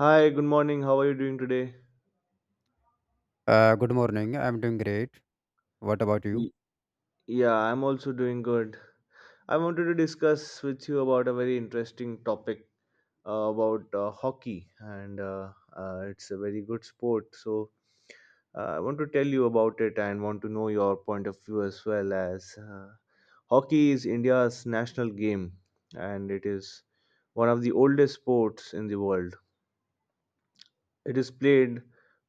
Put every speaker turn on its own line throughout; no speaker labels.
Hi, good morning. How are you doing today?
Good morning. I'm doing great. What about you?
Y- Yeah, I'm also doing good. I wanted to discuss with you about a very interesting topic about hockey, and it's a very good sport. So I want to tell you about it and want to know your point of view as well as hockey is India's national game, and it is one of the oldest sports in the world. It is played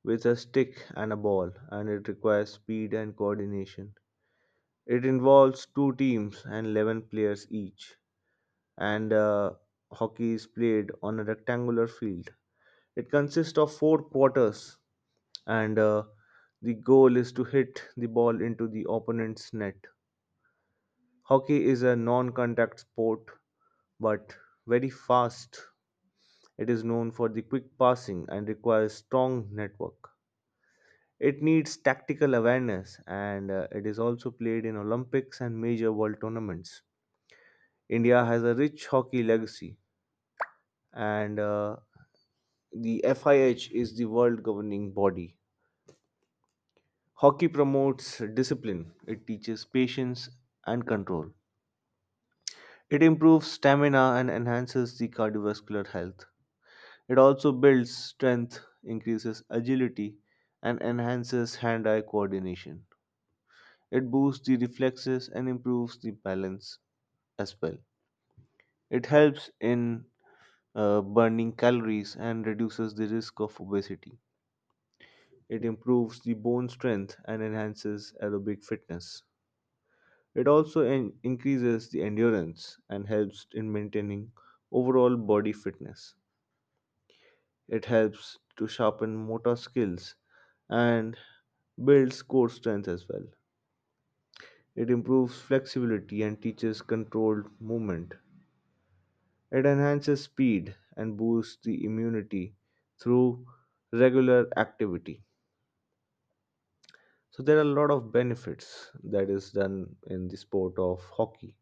with a stick and a ball, and it requires speed and coordination. It involves two teams and 11 players each, and hockey is played on a rectangular field. It consists of four quarters, and the goal is to hit the ball into the opponent's net. Hockey is a non contact sport but very fast. It is known for the quick passing and requires strong network. It needs tactical awareness, and it is also played in Olympics and major world tournaments. India has a rich hockey legacy, and the FIH is the world governing body. Hockey promotes discipline, it teaches patience and control. It improves stamina and enhances the cardiovascular health. It also builds strength, increases agility, and enhances hand eye coordination. It boosts the reflexes and improves the balance as well. It helps in burning calories and reduces the risk of obesity. It improves the bone strength and enhances aerobic fitness. It also increases the endurance and helps in maintaining overall body fitness. It helps to sharpen motor skills and builds core strength as well. It improves flexibility and teaches controlled movement. It enhances speed and boosts the immunity through regular activity. So there are a lot of benefits that is done in the sport of hockey.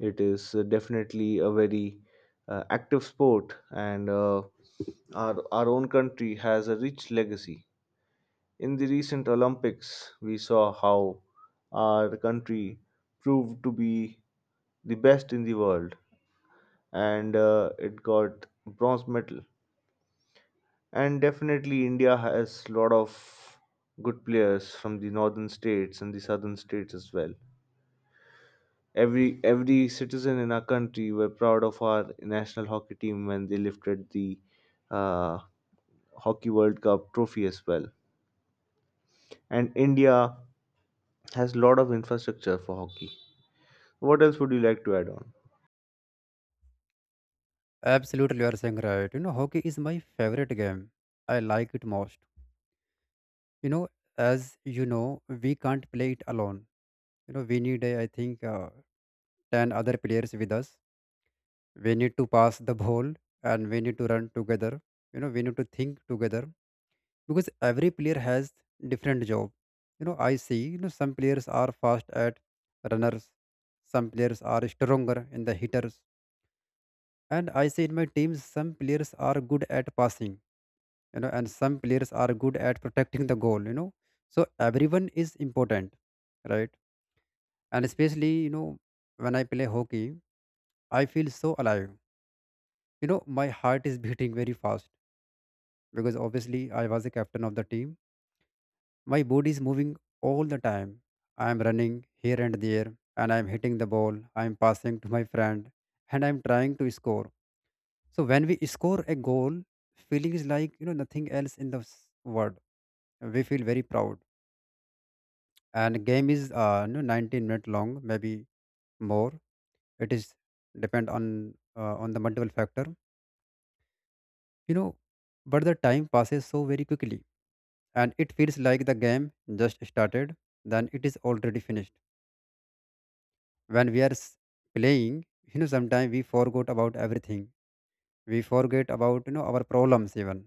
It is definitely a very active sport, and our own country has a rich legacy. In the recent Olympics, we saw how our country proved to be the best in the world, and it got bronze medal. And definitely, India has lot of good players from the northern states and the southern states as well. Every citizen in our country were proud of our national hockey team when they lifted the uh, hockey World Cup trophy as well. And India has a lot of infrastructure for hockey. What else would you like to add on?
Absolutely, you are saying right. You know, hockey is my favorite game. I like it most. You know, as you know, we can't play it alone. You know, we need, I think, 10 other players with us. We need to pass the ball, and we need to run together. You know, we need to think together because every player has different job. You know, I see, you know, some players are fast at runners, some players are stronger in the hitters, and I see in my teams some players are good at passing, you know, and some players are good at protecting the goal, you know. So everyone is important, right? And especially, you know, when I play hockey, I feel so alive. You know, my heart is beating very fast because obviously I was the captain of the team. My body is moving all the time. I am running here and there, and I am hitting the ball, I am passing to my friend, and I am trying to score. So when we score a goal, feeling is like nothing else in the world. We feel very proud. And game is you know, 19-minute long, maybe more. It is depend on the multiple factor. You know, but the time passes so very quickly, and it feels like the game just started. Then it is already finished. When we are playing, you know, sometimes we forgot about everything. We forget about, you know, our problems even,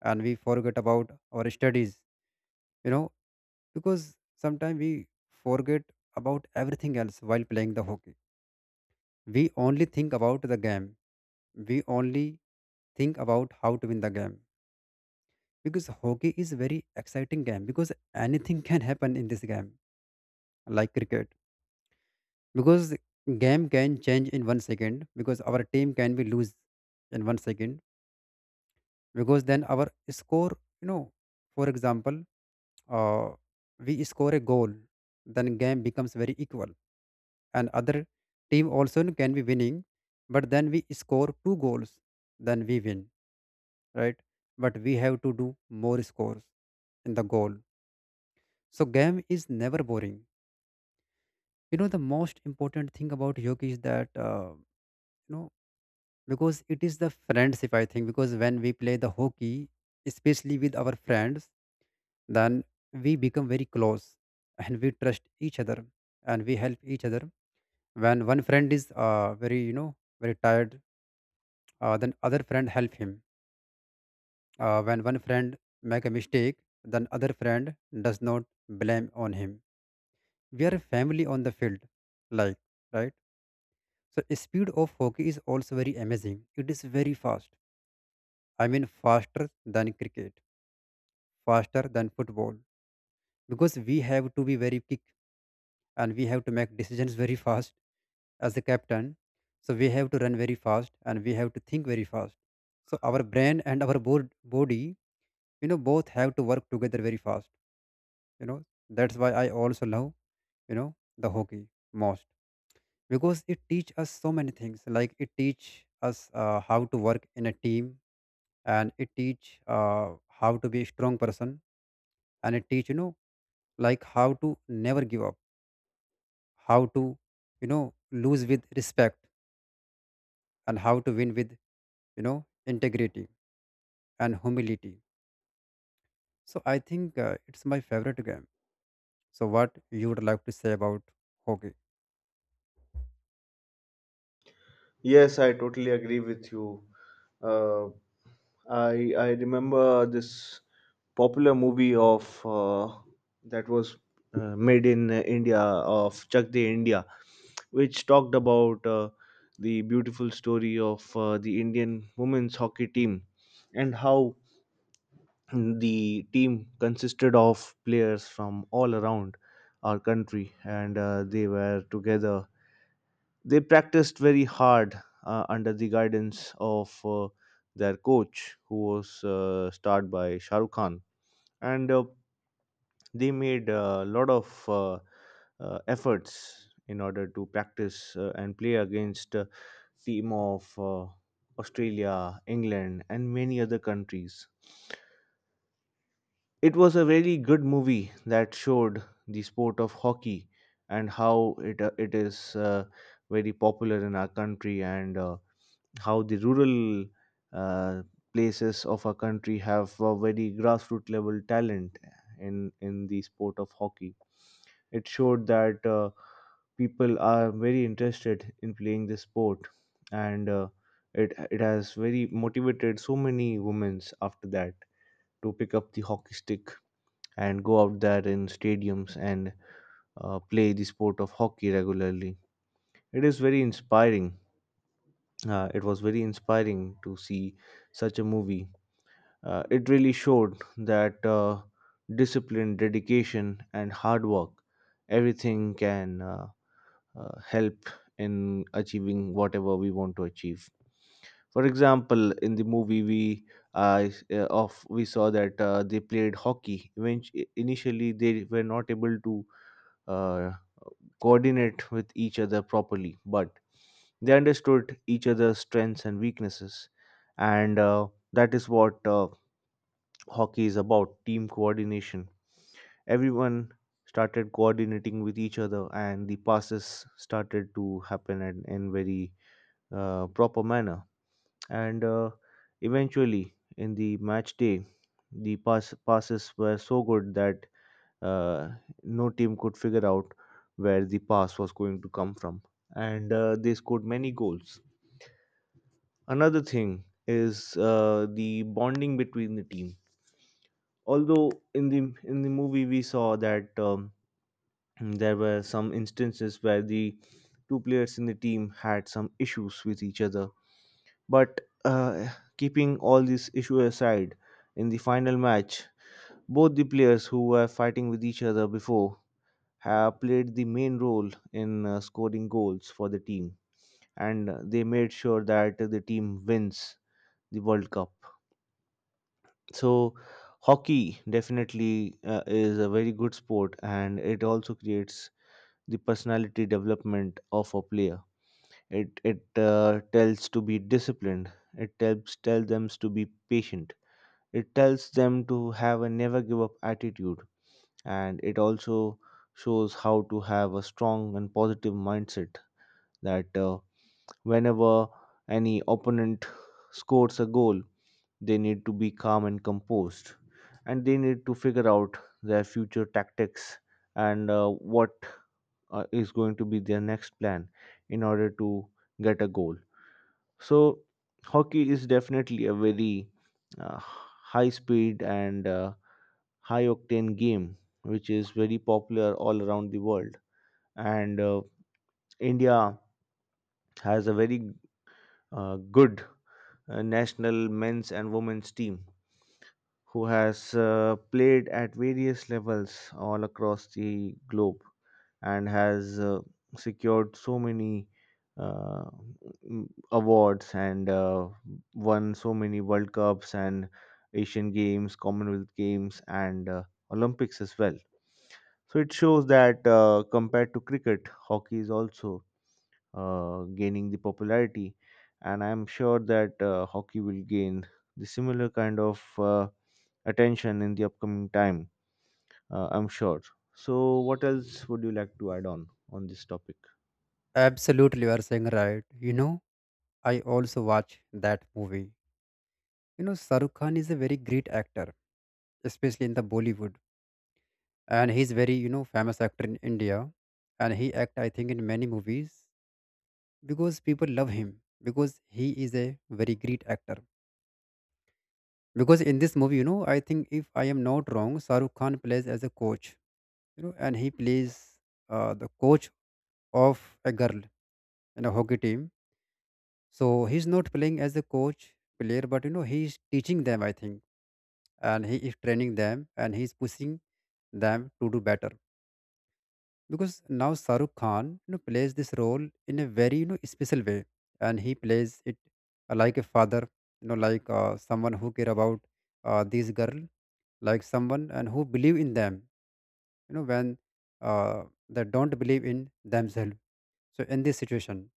and we forget about our studies, you know, because sometimes we forget about everything else while playing the hockey. We only think about the game. We only think about how to win the game because hockey is very exciting game because anything can happen in this game, like cricket, because game can change in 1 second because our team can be lose in 1 second because then our score, you know, for example, uh, we score a goal, then game becomes very equal, and other team also can be winning. But then we score two goals, then we win, right? But we have to do more scores in the goal, so game is never boring. You know, the most important thing about hockey is that, you know, because it is the friendship, I think, because when we play the hockey, especially with our friends, then we become very close, and we trust each other, and we help each other. When one friend is very, you know, very tired, then other friend help him. When one friend make a mistake, then other friend does not blame on him. We are a family on the field, like, right? So speed of hockey is also very amazing. It is very fast, I mean faster than cricket, faster than football, because we have to be very quick, and we have to make decisions very fast as the captain. So we have to run very fast, and we have to think very fast, so our brain and our body, you know, both have to work together very fast. You know, that's why I also love, you know, the hockey most because it teach us so many things, like it teach us how to work in a team, and it teach, how to be a strong person, and it teach, you know, like how to never give up, how to, you know, lose with respect, and how to win with, you know, integrity and humility. So I think it's my favorite game. So what you would like to say about hockey?
Yes, I totally agree with you. Uh, I remember this popular movie of that was made in India, of Chak De India, which talked about the beautiful story of the Indian women's hockey team and how the team consisted of players from all around our country, and they were together, they practiced very hard under the guidance of their coach, who was starred by Shah Rukh Khan, and they made a lot of efforts in order to practice and play against team of Australia, England, and many other countries. It was a very good movie that showed the sport of hockey and how it it is very popular in our country, and how the rural uh, places of our country have a very grassroots level talent in the sport of hockey. It showed that people are very interested in playing this sport, and it has very motivated so many women after that to pick up the hockey stick and go out there in stadiums and play the sport of hockey regularly. It is very inspiring. It was very inspiring to see such a movie. It really showed that discipline, dedication, and hard work, everything can help in achieving whatever we want to achieve. For example, in the movie, we of we saw that they played hockey. Eventually, initially, they were not able to uh, coordinate with each other properly, but they understood each other's strengths and weaknesses, and that is what hockey is about: team coordination. Everyone started coordinating with each other, and the passes started to happen in, very proper manner. And eventually, in the match day, the passes were so good that uh, no team could figure out where the pass was going to come from, and they scored many goals. Another thing is the bonding between the team. Although in the movie we saw that there were some instances where the two players in the team had some issues with each other, but keeping all these issues aside, in the final match both the players who were fighting with each other before have played the main role in scoring goals for the team, and they made sure that the team wins the world cup. So hockey definitely is a very good sport, and it also creates the personality development of a player. It tells to be disciplined, it tells them to be patient, it tells them to have a never give up attitude, and it also shows how to have a strong and positive mindset, that whenever any opponent scores a goal, they need to be calm and composed, and they need to figure out their future tactics, and what is going to be their next plan in order to get a goal. So, hockey is definitely a very high speed and high octane game, which is very popular all around the world. And India has a very good national men's and women's team, who has played at various levels all across the globe and has secured so many uh, awards, and won so many World Cups and Asian Games, Commonwealth Games, and Olympics as well. So it shows that compared to cricket, hockey is also gaining the popularity, and I'm sure that hockey will gain the similar kind of attention in the upcoming time, I'm sure. So, what else would you like to add on this topic?
Absolutely, you are saying right. You know, I also watch that movie. You know, Sarukh Khan is a very great actor, especially in the Bollywood, and he's very, you know, famous actor in India, and he act, I think, in many movies because people love him because he is a very great actor. Because in this movie, you know, I think, if I am not wrong, Sarukh Khan plays as a coach, you know, and he plays the coach of a girl in a hockey team. So he's not playing as a coach player, but you know he's teaching them, I think, and he is training them, and he's pushing them to do better. Because now Saruk Khan, you know, plays this role in a very, you know, special way, and he plays it like a father, you know, like someone who care about these girl, like someone and who believe in them, you know, when uh, they don't believe in themselves. So in this situation,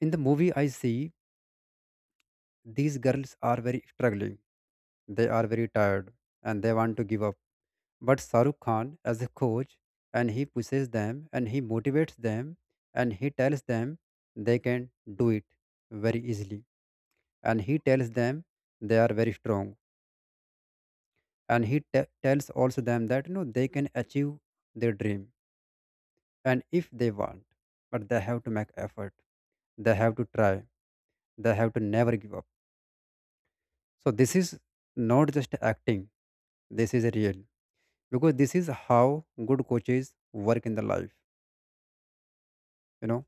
in the movie, I see these girls are very struggling. They are very tired and they want to give up. But Saruk Khan as a coach, and he pushes them and he motivates them and he tells them they can do it very easily. And he tells them they are very strong. And he tells also them that you know they can achieve their dream and if they want, but they have to make effort, they have to try, they have to never give up. So this is not just acting, this is real because this is how good coaches work in the life, you know,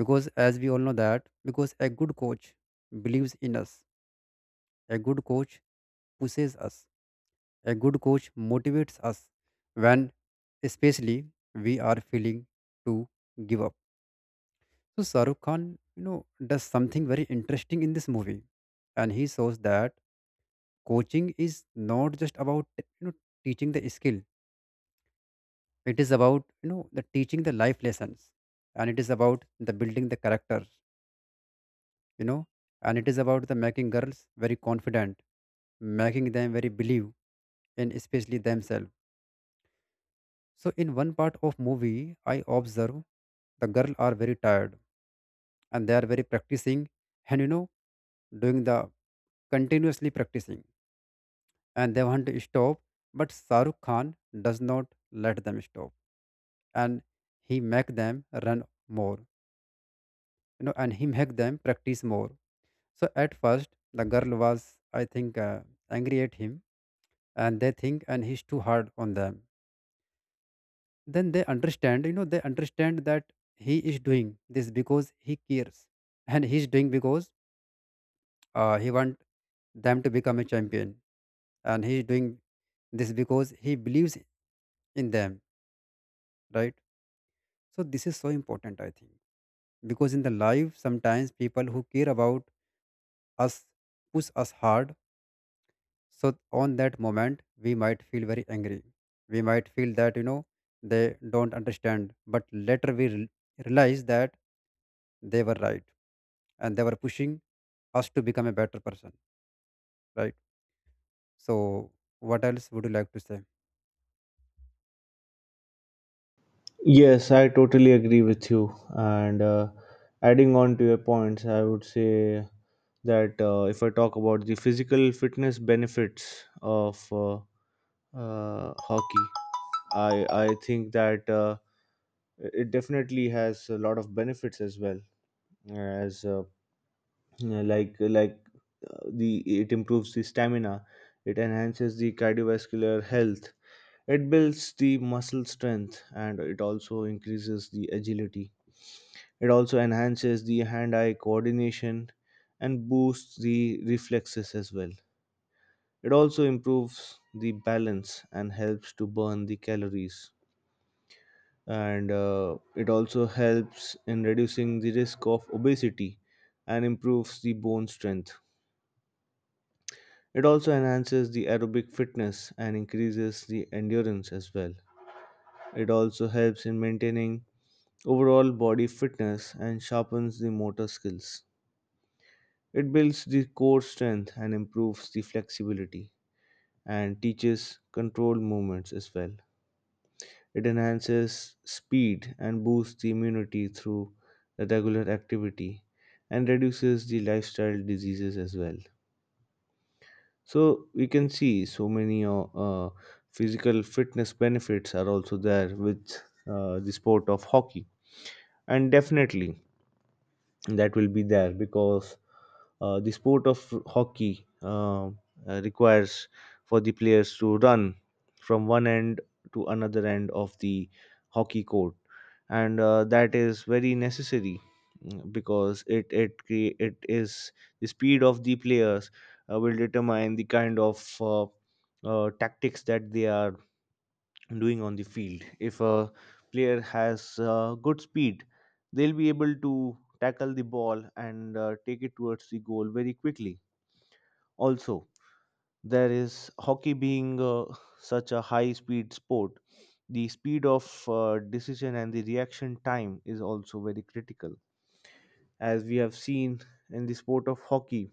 because as we all know that, because a good coach believes in us, a good coach pushes us, a good coach motivates us when, especially, we are feeling to give up. So Shahrukh Khan, you know, does something very interesting in this movie, and he shows that coaching is not just about, you know, teaching the skill, it is about, you know, the teaching the life lessons, and it is about the building the character, you know, and it is about the making girls very confident, making them very believe in, especially, themselves. So in one part of movie I observe the girl are very tired, and they are very practicing, and, you know, doing the continuously practicing, and they want to stop, but Saruk Khan does not let them stop, and he make them run more, you know, and he make them practice more. So at first, the girl was, I think, angry at him, and they think, and he's too hard on them. Then they understand, you know, they understand that he is doing this because he cares, and he's doing because he want them to become a champion, and he's doing this because he believes in them, right? So this is so important, I think, because in the life sometimes people who care about us push us hard. So on that moment, we might feel very angry. We might feel that, you know, they don't understand. But later we realize that they were right, and they were pushing us to become a better person. Right. So what else would you like to say?
Yes, I totally agree with you. And adding on to your points, I would say that if I talk about the physical fitness benefits of hockey, I think that it definitely has a lot of benefits as well. As yeah, like the it improves the stamina, it enhances the cardiovascular health, it builds the muscle strength, and it also increases the agility. It also enhances the hand-eye coordination and boosts the reflexes as well. It also improves the balance and helps to burn the calories, and it also helps in reducing the risk of obesity and improves the bone strength. It also enhances the aerobic fitness and increases the endurance as well. It also helps in maintaining overall body fitness and sharpens the motor skills. It builds the core strength and improves the flexibility and teaches controlled movements as well. It enhances speed and boosts the immunity through the regular activity and reduces the lifestyle diseases as well. So we can see so many physical fitness benefits are also there with the sport of hockey, and definitely that will be there because the sport of hockey requires for the players to run from one end to another end of the hockey court, and that is very necessary, because it is the speed of the players will determine the kind of tactics that they are doing on the field. If a player has good speed, they'll be able to tackle the ball and take it towards the goal very quickly. Also, there is hockey being such a high speed sport. The speed of decision and the reaction time is also very critical. As we have seen in the sport of hockey,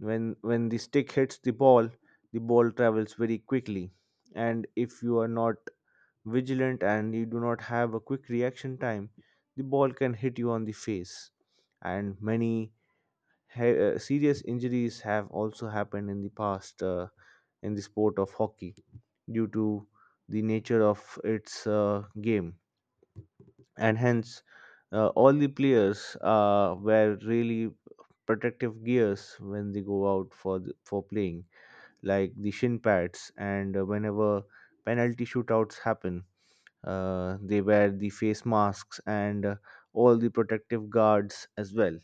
when the stick hits the ball travels very quickly. And if you are not vigilant and you do not have a quick reaction time, the ball can hit you on the face. And many serious injuries have also happened in the past in the sport of hockey due to the nature of its game. And hence, all the players wear really protective gears when they go out for for playing, like the shin pads, and whenever penalty shootouts happen, they wear the face masks and all the protective guards as well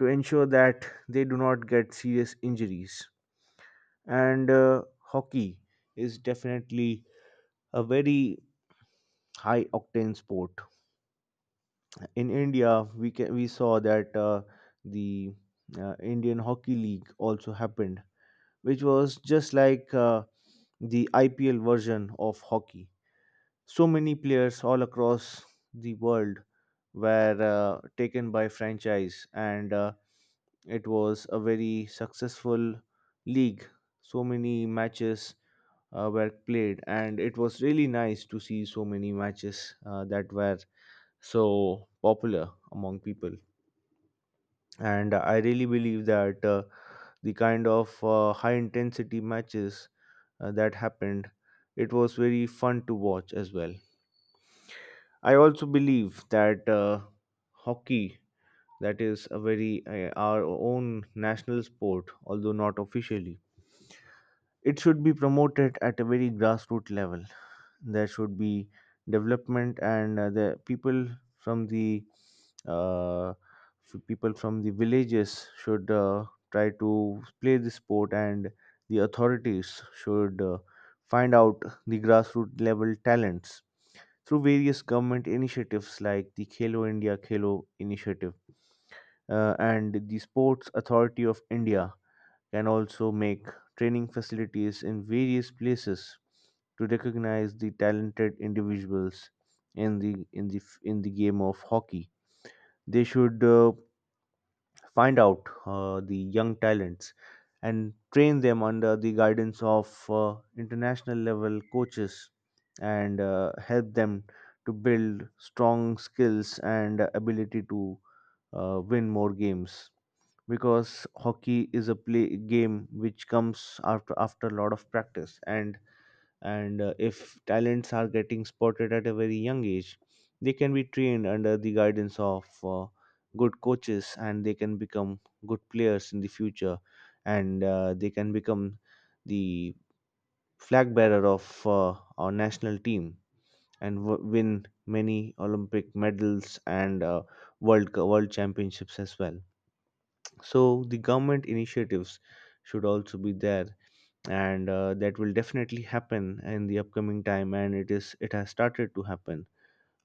to ensure that they do not get serious injuries. And hockey is definitely a very high octane sport. In India, we saw that the Indian Hockey League also happened, which was just like the IPL version of hockey. So many players all across the world were taken by franchise, and it was a very successful league. So many matches were played, and it was really nice to see so many matches that were so popular among people. And I really believe that the kind of high intensity matches that happened, it was very fun to watch as well. I also believe that hockey, that is a very our own national sport, although not officially, it should be promoted at a very grassroots level. There should be development, and the people from the people from the villages should try to play the sport, and the authorities should find out the grassroots level talents through various government initiatives like the Khelo India Khelo initiative. And the Sports Authority of India can also make training facilities in various places to recognize the talented individuals in the in the game of hockey. They should find out the young talents and train them under the guidance of international level coaches, and help them to build strong skills and ability to win more games, because hockey is a play game which comes after a lot of practice. And If talents are getting spotted at a very young age, they can be trained under the guidance of good coaches, and they can become good players in the future, and they can become the flag bearer of our national team, and win many Olympic medals, and world world championships as well. So the government initiatives should also be there, and that will definitely happen in the upcoming time, and it has started to happen,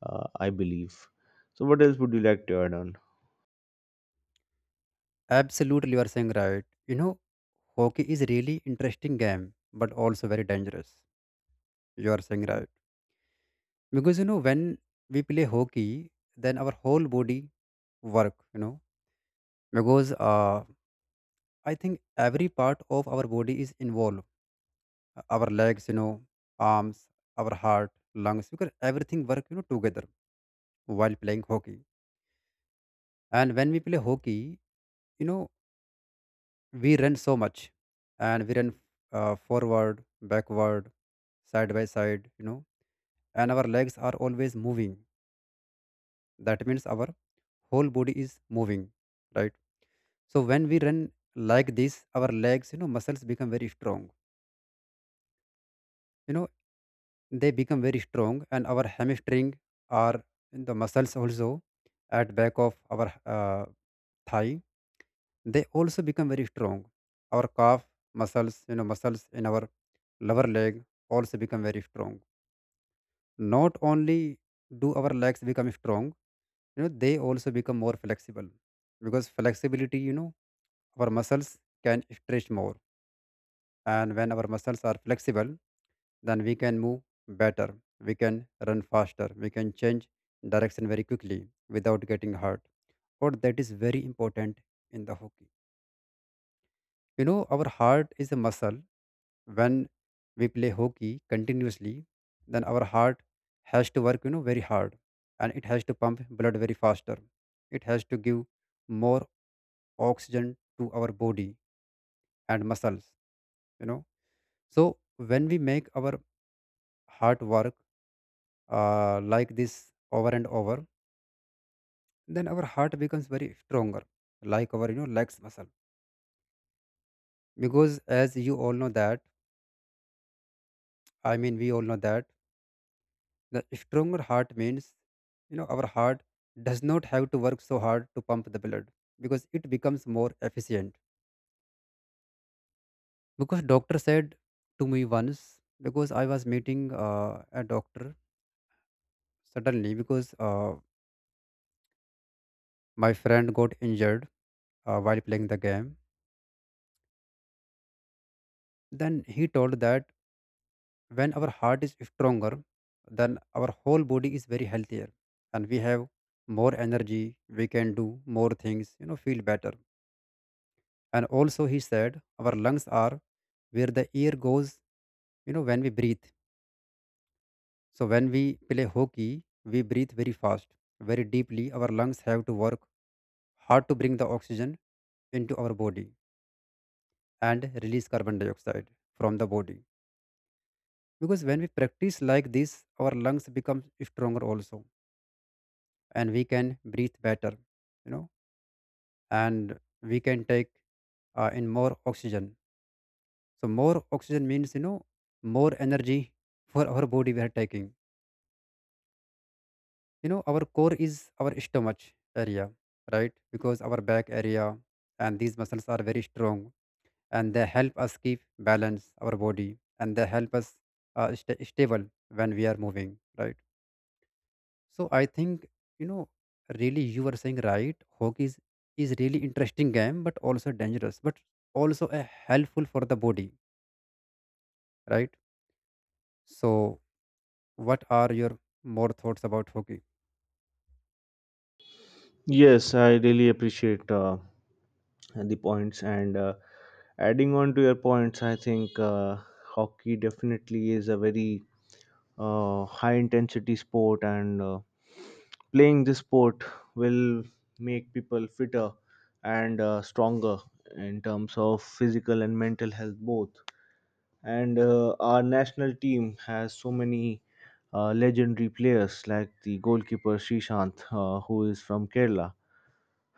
I believe. So what else would you like to add on?
Absolutely, you are saying right. You know, hockey is really interesting game, but also very dangerous. You are saying right because you know when we play hockey, then our whole body work. You know, because I think every part of our body is involved. Our legs, you know, arms, our heart, lungs, because everything work, you know, together while playing hockey. And when we play hockey, you know, we run so much, and we run forward, backward, side by side, you know, and our legs are always moving. That means our whole body is moving, right? So when we run like this, our legs, you know, muscles become very strong, you know, they become very strong, and our hamstring are the muscles also at back of our uh, thigh, they also become very strong. Our calf muscles, you know, muscles in our lower leg also become very strong. Not only do our legs become strong, you know, they also become more flexible, because flexibility, you know, our muscles can stretch more, and when our muscles are flexible, then we can move better, we can run faster, we can change direction very quickly without getting hurt. Or that is very important in the hockey. You know, our heart is a muscle. When we play hockey continuously, then our heart has to work, you know, very hard, and it has to pump blood very faster. It has to give more oxygen to our body and muscles, you know. So when we make our hard work like this over and over, then our heart becomes very stronger, like our, you know, legs muscle, because as you all know that, I mean we all know that, the stronger heart means, you know, our heart does not have to work so hard to pump the blood because it becomes more efficient. Because doctor said to me once, because I was meeting a doctor suddenly because my friend got injured while playing the game, then he told that when our heart is stronger, then our whole body is very healthier, and we have more energy, we can do more things, you know, feel better. And also he said our lungs are where the air goes, you know, when we breathe. So when we play hockey, we breathe very fast, very deeply. Our lungs have to work hard to bring the oxygen into our body and release carbon dioxide from the body because when we practice like this, our lungs become stronger also, and we can breathe better, you know, and we can take in more oxygen. So more oxygen means, you know, more energy for our body we are taking. You know, our core is our stomach area, right? Because our back area and these muscles are very strong, and they help us keep balance our body, and they help us stay stable when we are moving, right? So I think, you know, really you were saying right. Hockey is really interesting game, but also dangerous, but also a helpful for the body, right? So what are your more thoughts about hockey?
Yes, I really appreciate the points, and adding on to your points, I think hockey definitely is a very high intensity sport, and playing this sport will make people fitter and stronger in terms of physical and mental health both. And our national team has so many legendary players like the goalkeeper Srishant, who is from Kerala.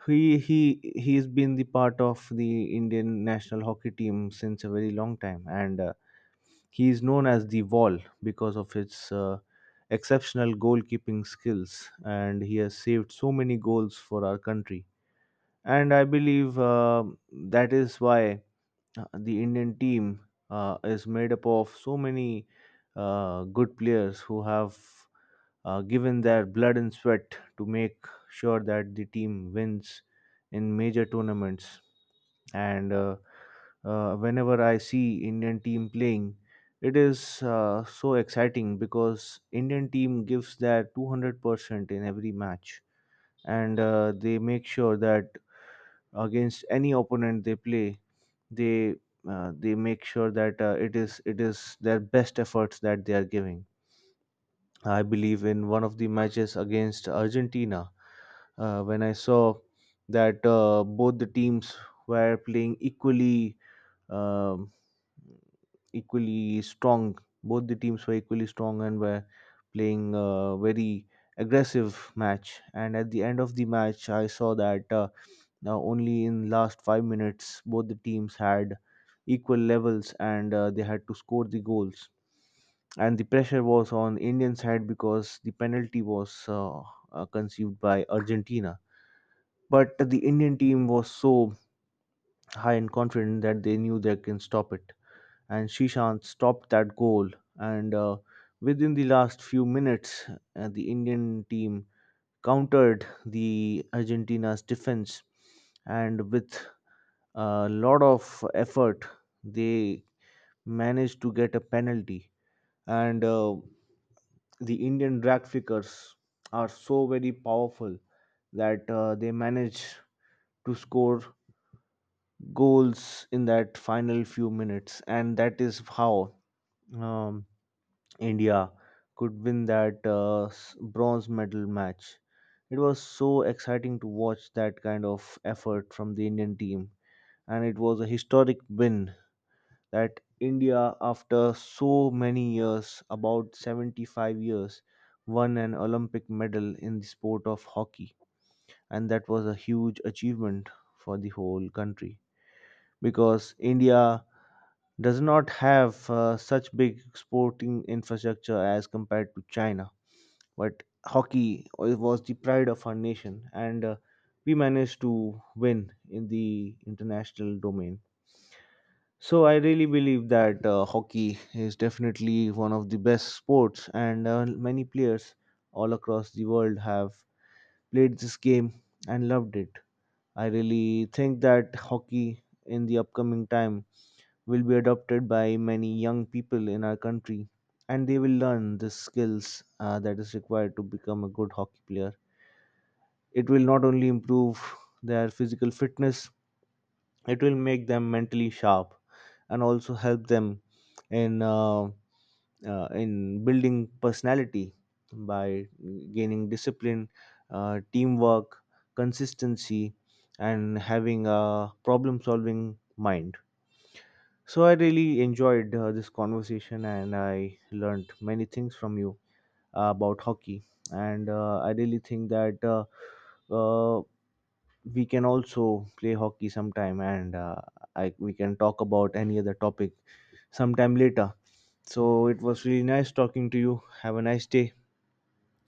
He's been the part of the Indian national hockey team since a very long time, and he is known as the Wall because of his exceptional goalkeeping skills, and he has saved so many goals for our country. And I believe that is why the Indian team is made up of so many good players who have given their blood and sweat to make sure that the team wins in major tournaments. And Whenever I see Indian team playing, it is so exciting because Indian team gives their 200% in every match, and they make sure that against any opponent they play, they they make sure that it is their best efforts that they are giving. I believe in one of the matches against Argentina, when I saw that both the teams were playing equally, um, equally strong. Both the teams were equally strong and were playing a very aggressive match. And at the end of the match, I saw that. Now, only in last 5 minutes, both the teams had equal levels, and they had to score the goals. And the pressure was on Indian side because the penalty was conceived by Argentina. But the Indian team was so high and confident that they knew they can stop it. And Shishan stopped that goal. And within the last few minutes, the Indian team countered the Argentina's defense. And with a lot of effort, they managed to get a penalty, and the Indian drag flickers are so very powerful that they manage to score goals in that final few minutes. And that is how um, India could win that bronze medal match. It was so exciting to watch that kind of effort from the Indian team, and it was a historic win, that India, after so many years, about 75 years, won an Olympic medal in the sport of hockey. And that was a huge achievement for the whole country, because India does not have such big sporting infrastructure as compared to China. But hockey was the pride of our nation, and we managed to win in the international domain. So I really believe that hockey is definitely one of the best sports, and many players all across the world have played this game and loved it. I really think that hockey in the upcoming time will be adopted by many young people in our country, and they will learn the skills that is required to become a good hockey player. It will not only improve their physical fitness, it will make them mentally sharp, and also help them in uh, in building personality by gaining discipline, teamwork, consistency, and having a problem solving mind. So I really enjoyed this conversation, and I learned many things from you about hockey. And I really think that uh, we can also play hockey sometime, and we can talk about any other topic sometime later. So it was really nice talking to you. Have a nice day.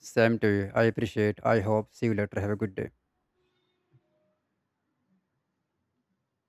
Same to you. I appreciate. I hope. See you later. Have a good day.